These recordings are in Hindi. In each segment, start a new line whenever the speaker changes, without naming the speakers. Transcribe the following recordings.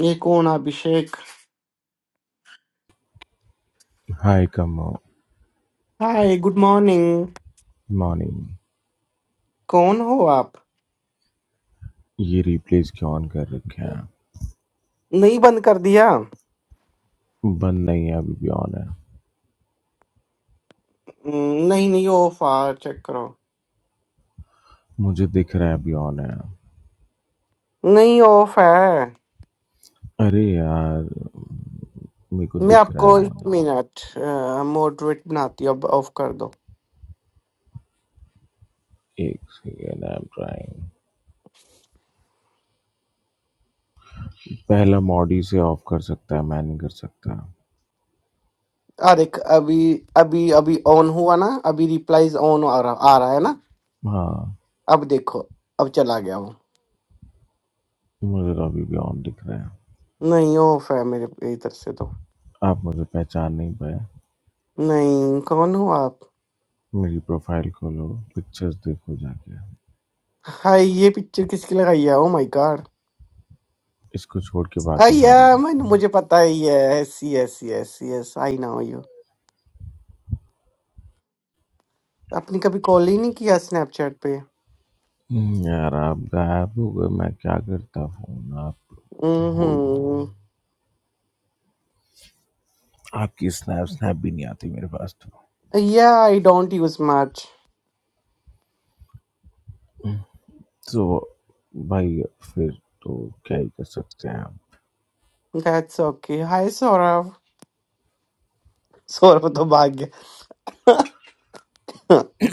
ये कौन अभिषेक
हाय का
हाय गुड मॉर्निंग
मॉर्निंग
कौन हो आप
ये रिप्लेस क्यों ऑन कर रखे हैं
नहीं बंद कर दिया
बंद नहीं है अभी भी ऑन है
हम्म, नहीं नहीं ऑफ है चेक करो
मुझे दिख रहा है अभी ऑन है
नहीं ऑफ है
अरे यार मेरे को
मैं
दिख रहा है
आपको एक
ऑन
मिनट मॉडरेट बनाती हूँ अब ऑफ कर दो
एक सेकेंड आई एम ट्राइंग पहला मॉडी से ऑफ कर सकता है मैं नहीं कर सकता
अरे क- अभी अभी अभी ऑन हुआ ना अभी रिप्लाईज ऑन आ रहा आ रहा है ना
हाँ
अब देखो अब चला गया वो
मुझे तो अभी भी ऑन दिख रहा है
नहीं ऑफ है मेरे इधर से तो
आप मुझे पहचान नहीं पाए
नहीं कौन हो आप
मेरी प्रोफाइल खोलो पिक्चर्स देखो जाके
हाय ये पिक्चर किसकी लगाई है ओ माय गॉड
इसको छोड़ के बाकी सारी
अय्या मैं मुझे पता ही है ऐसी ऐसी ऐसी यस आई नो यू आपने कभी कॉल ही नहीं किया स्नैपचैट पे
हम्म, यार आप गायब हो गए मैं क्या करता फोन आप हो ही
हम्म
आपकी स्नैप स्नैप भी नहीं आती मेरे पास तो
या I don't use much
so भाई फिर तो क्या ही कर सकते हैं
that's okay hi Saurabh Saurabh तो भाग गया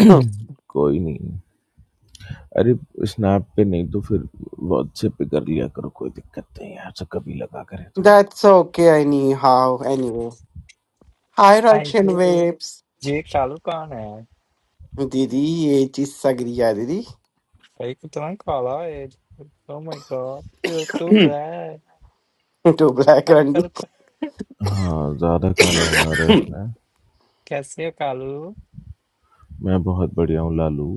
हम कोई नहीं अरे स्नैप पे नहीं तो फिर व्हाट्सएप पे कर लिया करो कोई दिक्कत नहीं है ऐसा कभी लगा करे तो
that's okay anyhow anyway hi
I
Russian
did.
Waves
Jake Kalukan है
दीदी ये चीज सगरिया दीदी
भाई कितना काला है oh my god you're too black
too black
Kalu
रंग
कालू का-
हाँ ज्यादा काला होना रश में
कैसे हो कालू
मैं बहुत बढ़िया हूँ लालू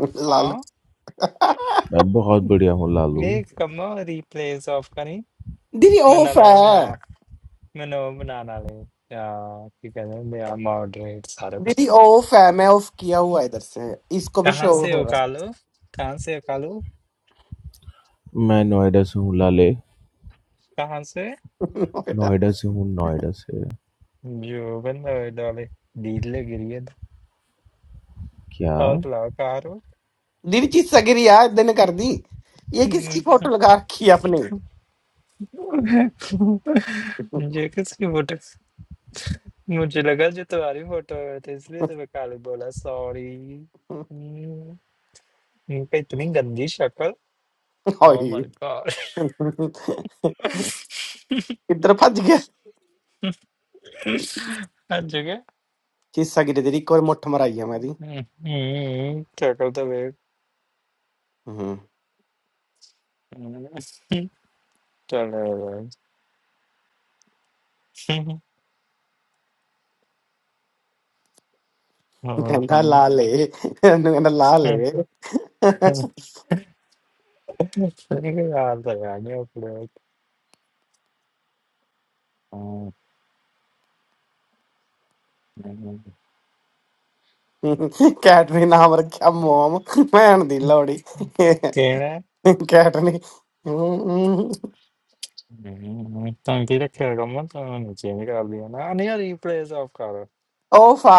लाल
हाँ
मैं बहुत बढ़िया हूँ लालू
ये कम रिप्लेस ऑफ करी
दीदी
मैं
ऑफ
नाले वो बना
है
मैं ना वो बना नाले या क्या कहते हैं मेरा मॉडरेट सारा कुछ
दीदी ऑफ है मैं ऑफ किया हुआ है इधर से इसको भी
कहाँ
शो
से
हो
हो
रहा
कालू कहाँ से हो कालू
मैं नोएडा से हूँ लाले
कहाँ से
है
नोएडा से हूँ नोएडा से
जो बन डाले डील लग रही है
क्या
और बुलाओ कहाँ हो
दीदी चीज सगरी यार दिन कर दी ये किसकी फोटो लगा रखी है आपने
मुझे किसकी फोटो मुझे लगा जो तुम्हारी फोटो में थे इसलिए तो मैं काले बोला सॉरी इनका इतनी गंदी शक्ल ओ
ओए
माय गॉड
इधर भज गया
हद जगह
चीज सगरी तेरी एक और मुट्ठ मराई है मेरी
हम्म, हम्म, शक्ल तो वे
हम्म
चलो यार। और
कहना ला
कम्मा
ले ਇਹਨੂੰ ਕਹਿੰਦਾ ਲਾ ਲੈ
यार लगा गया अपने
ਕੈਟ ਨੇ ਨਾਮ ਰੱਖਿਆ ਮੋਮ ਭੈਣ ਦੀ ਲੋੜੀ
तेरे
ਕੈਟ ਨੇ ਹਮ,
तंगी रखेगा कम्मा तो नीचे निकाल दिया ना नहीं यार रिप्लेस ऑफ करो
ਉਹ ਫਾ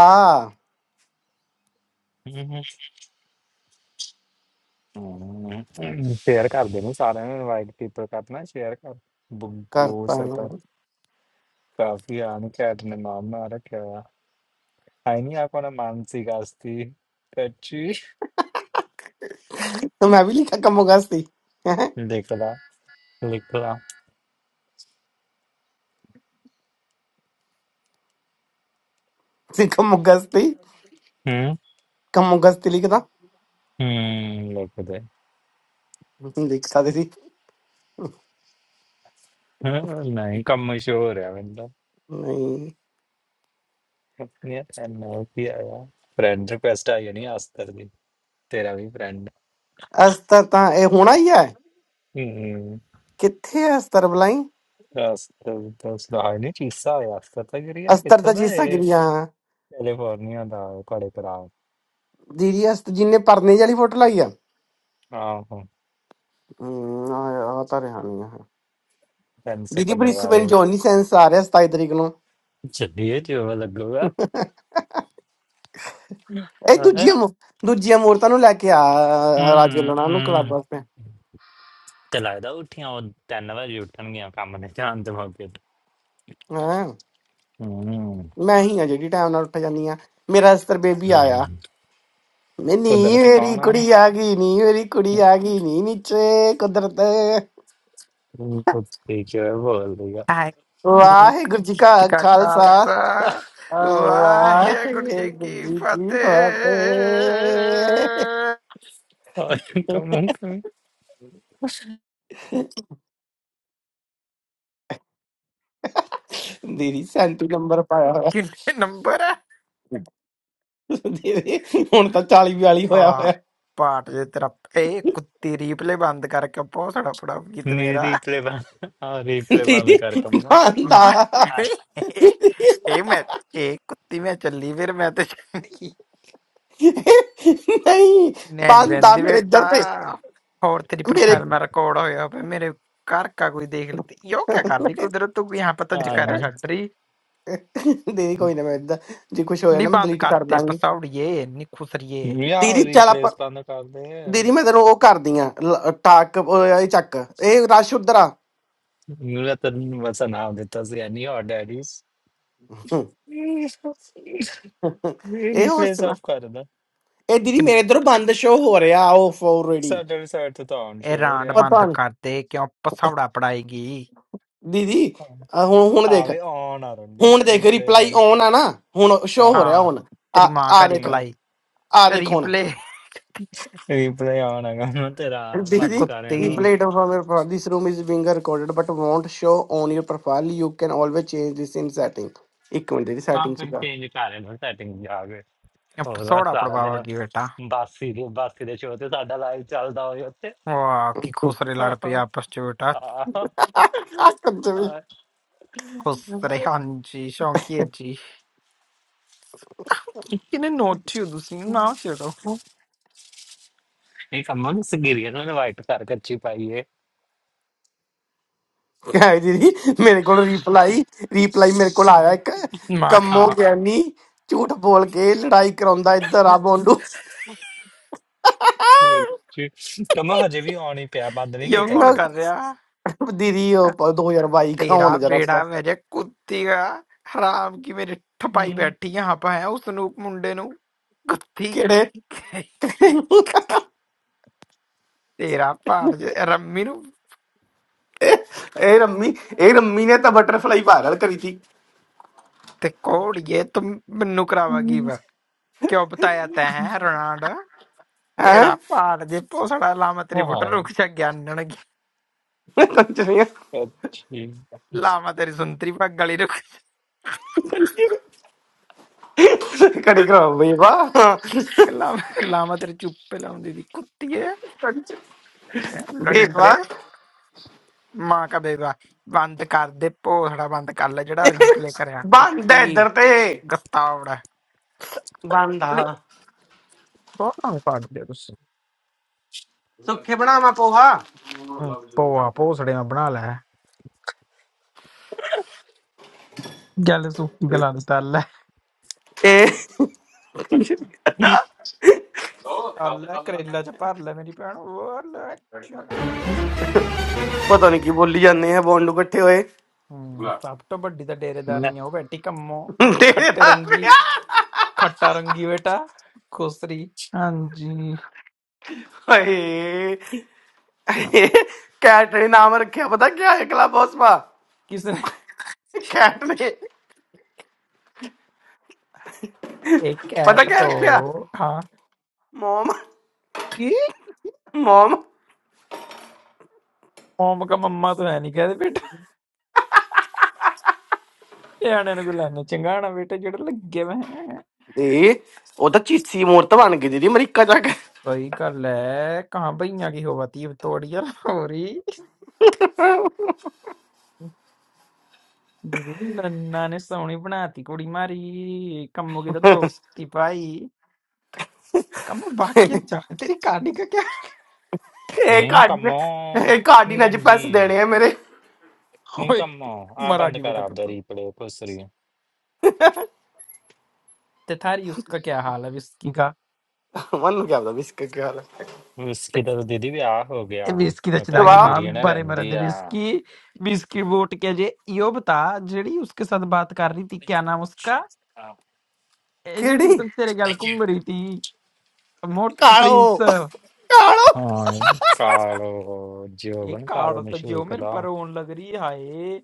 शेयर कर देना सारे में इनवाइट पीपल करना शेयर कर बुग्गू
ਕਰਤਾ
सरपंच
ਇਹਨੂੰ।
काफी आने के अपने नाम में आ रखे हुआ आईनी आपको ना मानसी कास्ती कच्ची
ਤੇ ਮੈਂ ਵੀ ਲਿਖਾ ਕਮੋਗਸਤੀ ਹੈ
लिख ला लिख ला
ਸੀ ਕਮੋਗਸਤੀ
हम्म
ਕਮੋਗਸਤੀ ਲਿਖਦਾ
हम्म लिख दे
ਲਿਖ ਸਕਦੇ ਸੀ
हम्म, नहीं कम मशहूर है मतलब
ਨਹੀਂ
अपने नोट भी आया फ्रेंड रिक्वेस्ट आई है नहीं आस्तर दी तेरा भी फ्रेंड
अस्तर ता ए होना ही है
हम्म
किथे है अस्तर बलाई
आस्तर तो सुधार नहीं चीसा है आस्तर तक रही है
अस्तर ता
कितना
चीज
है
सकरी हां
कैलिफोर्निया दा कोड़े
दीदी अस्तर जी ने परने वाली फोटो लाई है
हाँ हाँ
हम्म, आ ਤਾਂ ਰਿਹਾ ਨਹੀਂ ਹੈ
पेन से
ਦੀਦੀ
पेन
ਬ੍ਰਿਸਬਨ
लगाए
ਜੌਨੀ ਸੈਂਸ ਆ ਰਿਹਾ 27 ਤਰੀਕ ਨੂੰ
चलिए जो लगूगा
ਇਹ
हाँ। है।
ਦੂਜੀਆਂ ਮੂ- ਦੂਜੀਆਂ ਮੂਰਤਾਂ ਨੂੰ ਲੈ ਕੇ ਆ ਰਾਜੂ
हम्म
ਲਣਾ ਨੂੰ ਕਲੱਬ
हम्म।
ਵਾਸਤੇ
ते लगदा उठियां ओह् तिन्न बारी उट्ठनगियां कम्म दे जान दे मौके पर
ਹਾਂ
हम्म
ਮੈਂ ਹੀ ਆ ਜਿਹੜੀ ਟਾਈਮ ਨਾਲ ਉੱਠ ਜਾਂਦੀ ਆ ਮੇਰਾ ਅਸਤਰ ਬੇਬੀ ਆਇਆ
हम्म।
ਮੈਂ ਨੀ
कुदरत
ਮੇਰੀ
कौन है
ਕੁੜੀ ਆ ਗਈ ਨੀ ਮੇਰੀ ਕੁੜੀ ਆ ਗਈ ਨੀ ਨੀਚੇ ਕੁਦਰਤ
कुत्ती जो है बोल दिया
आई
ਵਾਹਿਗੁਰੂ ਜੀ ਕਾ
जी का
ਖਾਲਸਾ
खालसा वाहेगुरु जी
ਵਾਹਿਗੁਰੂ
की
ਜੀ ਕੀ
फतेह
ਫਤਿਹ
और इनका मुंह कमी
ਦੀਦੀ ਸੈਂਤੀ ਨੰਬਰ ਪਾਇਆ ਹੋਇਆ
कितने नंबर है
ਦੀਦੀ ਹੁਣ ਤਾਂ 40 42
आ,
ਹੋਇਆ ਹੋਇਆ
पाठ ये तेरा ए कुत्ती रिप्ले बंद करके पहुंचना पड़ा गीत
नहीं
मेरा
replay बंद हाँ replay
ਦੀਦੀ
बंद कर कम्मा
ਬੰਦਾ
मार
हाँ
ए मैं ए कुत्ती मैं चली फिर मैं तो चली
ਨਹੀਂ
नैनी
ਬੰਦਾ
बहन
ਮੇਰੇ
बेटा
ਇੱਧਰ ਤੇ
और तेरी
ਮੇਰੇ
प्रोफाइल में रिकॉर्ड होया पे मेरे घर का कोई देख लेते यो क्या कर रही कुदरत तू यहाँ पर तो
हाँ
जकारा छड़ रही
ਦੀਦੀ ਕੋਈ ਨਾ ਮੈਂ ਇੱਧਰ ਜੇ ਕੁਝ ਹੋਇਆ
ਨੀ
ਨਾ ਮੈਂ
ਬੰਦ
ਡਿਲੀਟ ਕਰ
ਕਰਤੇ
ਦਾਂਗੀ
ਪਸੌੜੀਏ ਨੀ ਖੁਸਰੀਏ
या
ਦੀਦੀ ਚੱਲ ਆਪਾਂ
replays बंद कर दे
ਦੀਦੀ ਮੈਂ ਤੈਨੂੰ ਉਹ ਕਰਦੀ ਆ ਟਾਕ ਇਹ ਚੱਕ ਇਹ ਰਸ਼ ਉਧਰ ਆ
मैं तेरे वचन नाम देता सी एनी और डैडीज ਇਹ
ਇਹ ਹੋਰ
ਰੀਪਲੇਸ
ਸੁਣਾ
ਆਫ ਕਰ ਦਿੰਦਾ
ਇਹ ਦੀਦੀ
ਇਹ
ਮੇਰੇ ਇਧਰੋਂ ਬੰਦ ਸ਼ੋ ਹੋ ਰਿਹਾ ਆਫ ਆਲਰੇਡੀ
ਸਾਡਾ ਰਿਸਰਚ ਤੋਂ ਤਾਂ ਆਨ
ਇਹ
ਸ਼ੋਰ
ਰਾਂਡ
ਆ
ਪਤਾ
ਬੰਦ
ਨਹੀਂ
ਕਰਤੇ ਕਿਉਂ ਪਸੌੜਾ ਪੜਾਏਗੀ
ਦੀਦੀ ਆਹ ਹੁਣ ਹੁਣ ਦੇਖ
ਆਵੇ ਆਨ ਆ ਰੰਡੀ
ਹੁਣ ਦੇਖ
ਰੀਪਲੇ
ਰਿਪਲਾਈ
ਆਨ
ਔਨ ਆ ਨਾ ਹੁਣ ਸ਼ੋ ਹੋ
ਹਾਂ
ਰਿਹਾ
ਹਾਂ
ਔਨ ਆ
ਤੇਰੀ ਮਾਂ
ਆ
ਕਾ
ਦੇਖ
ਹੂੰ
ਰਿਪਲਾਈ
ਆ ਦੇਖ ਹੁਣ
ਰੀਪਲੇ
ਰੀਪਲੇ ਆਨ ਹੈਗਾ ਮੈਂ ਤੇਰਾ
ए
ਬੰਦ
ਦੀਦੀ
ਕਰ
कुत्ती
ਰਿਹਾ ਨੂੰ
reply to from your profile this room is being recorded but won't show on your profile you can always change this in setting ਇੱਕ ਮਿੰਟ ਦੀ
ਹਾਂ
ਸੈਟਿੰਗ
ਫਿਰ
ਸੁਧਾ
ਚੇਂਜ ਕਰ ਰਿਹਾ ਸੈਟਿੰਗ ਜਾ ਕੇ
अब
ਹੋਰ ਬਸ
पसौड़ा
ਸਾਰਾ ਦਿਨ
पड़वाओगी बेटा
ਬਾਸੀ ਦੇ ਬਾਸੀ ਦੇ ਸ਼ੋਅ ਤੇ ਸਾਡਾ ਲਾਈਵ ਚੱਲਦਾ ਹੋਏ ਉੱਤੇ
वाह की खुसरे लड़ पे
ਹਾਂ
आपस च बेटा खुसरे हाँ जी शौंकिए जी किने नोट छियो तुसी ना छेड़ो
ਇਹ ਕੰਮ ਨੂੰ ਸਗੀਰੀਆ ਨੂੰ ਇਨਵਾਈਟ ਕਰ ਕੱਚੀ ਪਾਈਏ
ਕਹੇ ਦੀਦੀ ਮੇਰੇ ਕੋਲ ਰਿਪਲਾਈ ਰਿਪਲਾਈ ਮੇਰੇ ਕੋਲ ਆਇਆ ਇੱਕ
मां
ਕੰਮੋ
ਹਾਂ
ਗਿਆਨੀ ਝੂਠ ਬੋਲ ਕੇ ਲੜਾਈ ਕਰਾਉਂਦਾ ਇੱਧਰ ਆ ਬੋਂਡੂ ਆਹ,
ਕੱਚੀ ਕੰਮ ਹਜੇ ਵੀ ਆਨ ਹੀ ਪਿਆ ਬੰਦ ਨਹੀਂ
यो
ਦੀਦੀ
ਕੀਤਾ
ਮੈਂ
कौन
ਤੋ
कर रहा
ਦੀਦੀ ਉਹ ਪ- 2022 ਕਾ
तेरा
ਹੋਣ ਜਰਾ
बेड़ा
ਸਾ
वैसे कुत्ती का राम की मेरी ठपाई
ਹੂੰ
बैठी यहाँ पे हैं वो सुनोप मुंडे नू कुत्ती
ਕਿਹੜੇ
तेरा पार्चे राम मेरू
ਇਹ ਰੰਮੀ ਇਹ ਰੰਮੀ ਨੇ ਤਾਂ ਬਟਰਫਲਾਈ ਪਾਗਲ ਕਰੀ ਥੀ
ते कोड ये तुम नुकराबगीबा क्यों बताया ते हैं रोनाड़ा
ਹੈ
तेरा पार्चे पोसड़ा लामा तेरी फोटर रुक जा ज्ञान नून की
ਕੰਚਰੀਆਂ
はい。그렇지.
लामा तेरी सुन्त्री पक गली रुक जा
ਕੜੇ ਕਰਾਓ ਬੇਵਾ
के लामे लामा तेरे
ਕੰਚ ਬੇਵਾ ਬੰਦਾ
च
ਇੱਧਰ ਤੇ
ਗਤਾਵੜਾ
ਬੰਦਾ
ਬਹੁਤ ਨਾ ਪਾ ਦਿਓ ਤੁਸੀਂ
ਸੁੱਖੇ ਬਣਾਵਾ ਪੋਹਾ
ਹਮ, ਪੋਆ ਪੋਸੜੀਆਂ ਬਣਾ ਲੈ ਗੱਲ ਸੁੱਕੀ ਗਲਾਂ ਦੀ ਤਲ ਹੈ
ਇਹ
ਚੱਲ ਲੈ ਕਰੇਲਾ ਚ ਭਰ ਲੈ ਮੇਰੀ ਭੈਣ ਉਹ ਲੈ ਚੱਲ।
ਪਤਾ ਨਹੀਂ ਕੀ ਬੋਲੀ ਜਾਂਦੇ ਆ ਬੋਂਡੂ ਇਕੱਠੇ ਹੋਏ
ਹਮ ਸਭ ਤੋਂ ਵੱਡੀ ਤਾਂ
네.
ਡੇਰੇਦਾਰਨੀ ਆ ਉਹ ਬੈਠੀ ਕੰਮੋ
ਤੇਰੇ
ਖੱਟੇ
ਦਾ
ਰੰਗੀ
ਵਿਆਹ।
ਖੱਟਾ ਰੰਗੀ ਬੇਟਾ ਖੁਸਰੀ ਹਾਂਜੀ
ਹਾਏ ਕੈਟ ਨੇ ਨਾਮ ਰੱਖਿਆ ਪਤਾ ਕੀ ਹੈ ਕਲੱਬ ਹਾਊਸ
ਕਿਸ ਨੇ
ਕੈਟ ਨੇ
ਇੱਕ
ਪਤਾ
ਕੈਟ
ਕਿਆ ਰੱਖਿਆ
ਤੋਂ ਹਾਂ
ਮਮ
ਕੀ
ਮਮ
ਓਮ ਕਾ ਮੰਮਾ ਤੋਂ ਹੈ ਨਹੀਂ ਕਹਦੇ ਬੇਟਾ ਨਿਆਣਿਆਂ ਨੂੰ ਕੋਈ ਲੈਣਾ ਚੰਗਾਣਾ ਬੇਟਾ ਜਿਹੜਾ ਲੱਗੇ ਵੇ
ਇਹ ਉਹ ਤਾਂ ਚੀਸੀ ਮੂਰਤ ਬਣ ਗਈ ਦੀਦੀ ਅਮਰੀਕਾ ਜਾ ਕੇ
सही गल है कहाँ भैया की होवा थी अब तोड़िया हो रही दीदी नन्ना ने सोहनी बनाती कुड़ी मारी कम्मो की तो दोस्ती पाई कम्मो बाकी जाने तेरी कहानी का क्या
ਇਹ
니까
ਕਾਰਡ
뭐,
ਇਹ ਕਾਰਡ ਹੀ ਨਾ ਜੀ ਪੈਸੇ
नीरंडी
ਦੇਣੇ ਆ ਮੇਰੇ
ओए
नीका मो आ
मरा
बंद
गई
करा
बेटा तू
आपदा
तो
ਰੀਪਲੇ ਪੁੱਛ ਰਹੀ
ते थारी उसका क्या हाल है विस्की का
ਮਨ ਨੂੰ ਕਿਆ ਪਤਾ ਬਿਸਕ ਕੀ ਹਾਲ ਹੈ
ते
ਉਸਕੀ ਤਾਂ ਦੀਦੀ ਵਿਆਹ ਹੋ
ए
ਗਿਆ
विस्की तो
ਉਹ ਤਾਂ
चला
ਸਵਾ
गई
ਉਹਦੇ
माँ
ਗਰੀਨ
बारे मरा
ਰਹਿੰਦੀ
दे
ਆ
विस्की विस्की वोट के जे यो बता जेड़ी उसके साथ बात कर रही थी क्या नाम उसका
ਆਹ,
ए जेड़ी
ਕਿਹੜੀ
तेरे गल घूम रही थी मोटे
ਕਾਲੋ
प्रिंस
ਕਾਲੋ
ਹਾਂ ਕਾਲੋ
ਇਹ
ਜੀਵਨ ਕਾਲੋ
काल तो जो
ਮਸ਼ੂਕ
मेरे
ਦਾ
पर रोन लग रही है हाय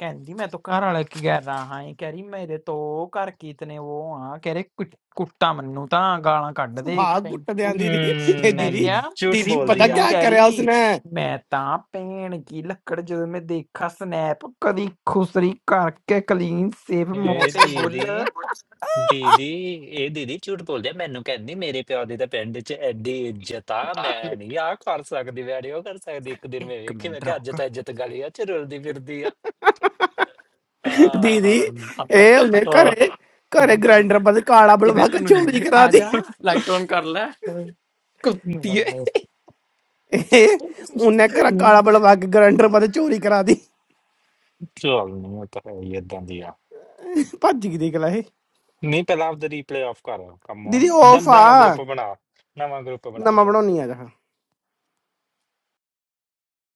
कहती मैं तो घर वाले की कह रहा हाय कह रही मेरे तो घर की इतने वो हाँ कह रहे कुट- कुट्टा मन्नू ता गालां ਕੱਢ ਦੇ
ਸੁਭਾਗ
ਟੈਂਪੂ
ਗੁੱਟਦਿਆਂ ਦੀਦੀ ਇਹ
ਮੈਂ
ਦੀਦੀ
ਕਿਹਾ
ਹੂੰ ਝੂਠ
ਦੀਦੀ ਪਤਾ
ਬੋਲਦੀ ਆ
ਮੰਨੂ
ਕਿਆ
ਕਹਿ
ਕਰਿਆ
ਰਹੀ
ਉਸਨੇ
ਮੈਂ ਤਾਂ ਭੈਣ ਕੀ ਲੱਕੜ ਜਦੋਂ ਮੈਂ ਦੇਖਾ ਸਨੈਪ ਕਦੀ ਖੁਸਰੀ ਕਰਕੇ ਕਲੀਨ ਸੇਫ
ਇਹ
ਮੋਟੇ ਬੁੱਲ
ਦੀਦੀ ਦੀਦੀ ਇਹ ਦੀਦੀ ਝੂਠ ਬੋਲਦੀ ਆ, ਮੈਨੂੰ ਕਹਿੰਦੀ ਮੇਰੇ ਪਿਓ ਦੀ ਤਾਂ ਪਿੰਡ 'ਚ ਐਡੀ ਇੱਜ਼ਤ ਆ ਮੈਂ ਨਹੀਂ ਆਹ ਕਰ ਸਕਦੀ ਮੈਂ ਨੀ ਉਹ ਕਰ ਸਕਦੀ ਇੱਕ ਦਿਨ ਮੈਂ
ਇੱਕ
ਵੇਖੀ ਮੈਂ
ਮਿੰਟ
ਕਿਹਾ ਅੱਜ
ਰੁਕ
ਤਾਂ ਇੱਜ਼ਤ ਗਲੀਆਂ 'ਚ ਰੁਲਦੀ ਫਿਰਦੀ ਆ ਆ
ਦੀਦੀ
ਰਣ-
ਆ ਜਾ
ਇਹ ਉਹਨੇ
ਆ।
ਘਰੇ ਘਰੇ ਗ੍ਰਾਈਂਡਰ ਪਰ ਕਾਲਾ
ਇਹ ਮੈਂ
ਬਲਵਾ ਕੇ
ਤੈਨੂੰ
ਚੋਰੀ
ਨਹੀਂ-
ਕਰਾ
ਆ
ਦੀ।
ਜਾ ਲਾਈਟ ਔਨ ਕਰ ਲੈ ਕੁੱਤੀਏ
ਇਹ ਉਹਨੇ ਕਰ ਕਾਲਾ ਬਲਵਾ ਕੇ ਗਰੰਟਰ ਮਤੇ ਚੋਰੀ ਕਰਾ ਦੀ
ਚੱਲ ਨਹੀਂ ਉਹ ਤਾਂ ਹੈ ਹੀ ਏਦਾਂ ਦੀ ਆ
ਭੱਜ ਗਈ ਦੇਖ ਲੈ ਇਹ
ਨਹੀਂ ਪਹਿਲਾਂ ਆਪਦਾ ਰੀਪਲੇ ਆਫ ਕਰ ਕੰਮ
ਦੀਦੀ ਆਫ
ਦੰਦਾ ਨਵਾਂ
ਆ
ਗਰੁੱਪ ਬਣਾ ਨਵਾਂ ਗਰੁੱਪ ਬਣਾ
ਨਵਾਂ
ਫਿਰ
ਬਣਾਉਣੀ ਆ ਜਹਾ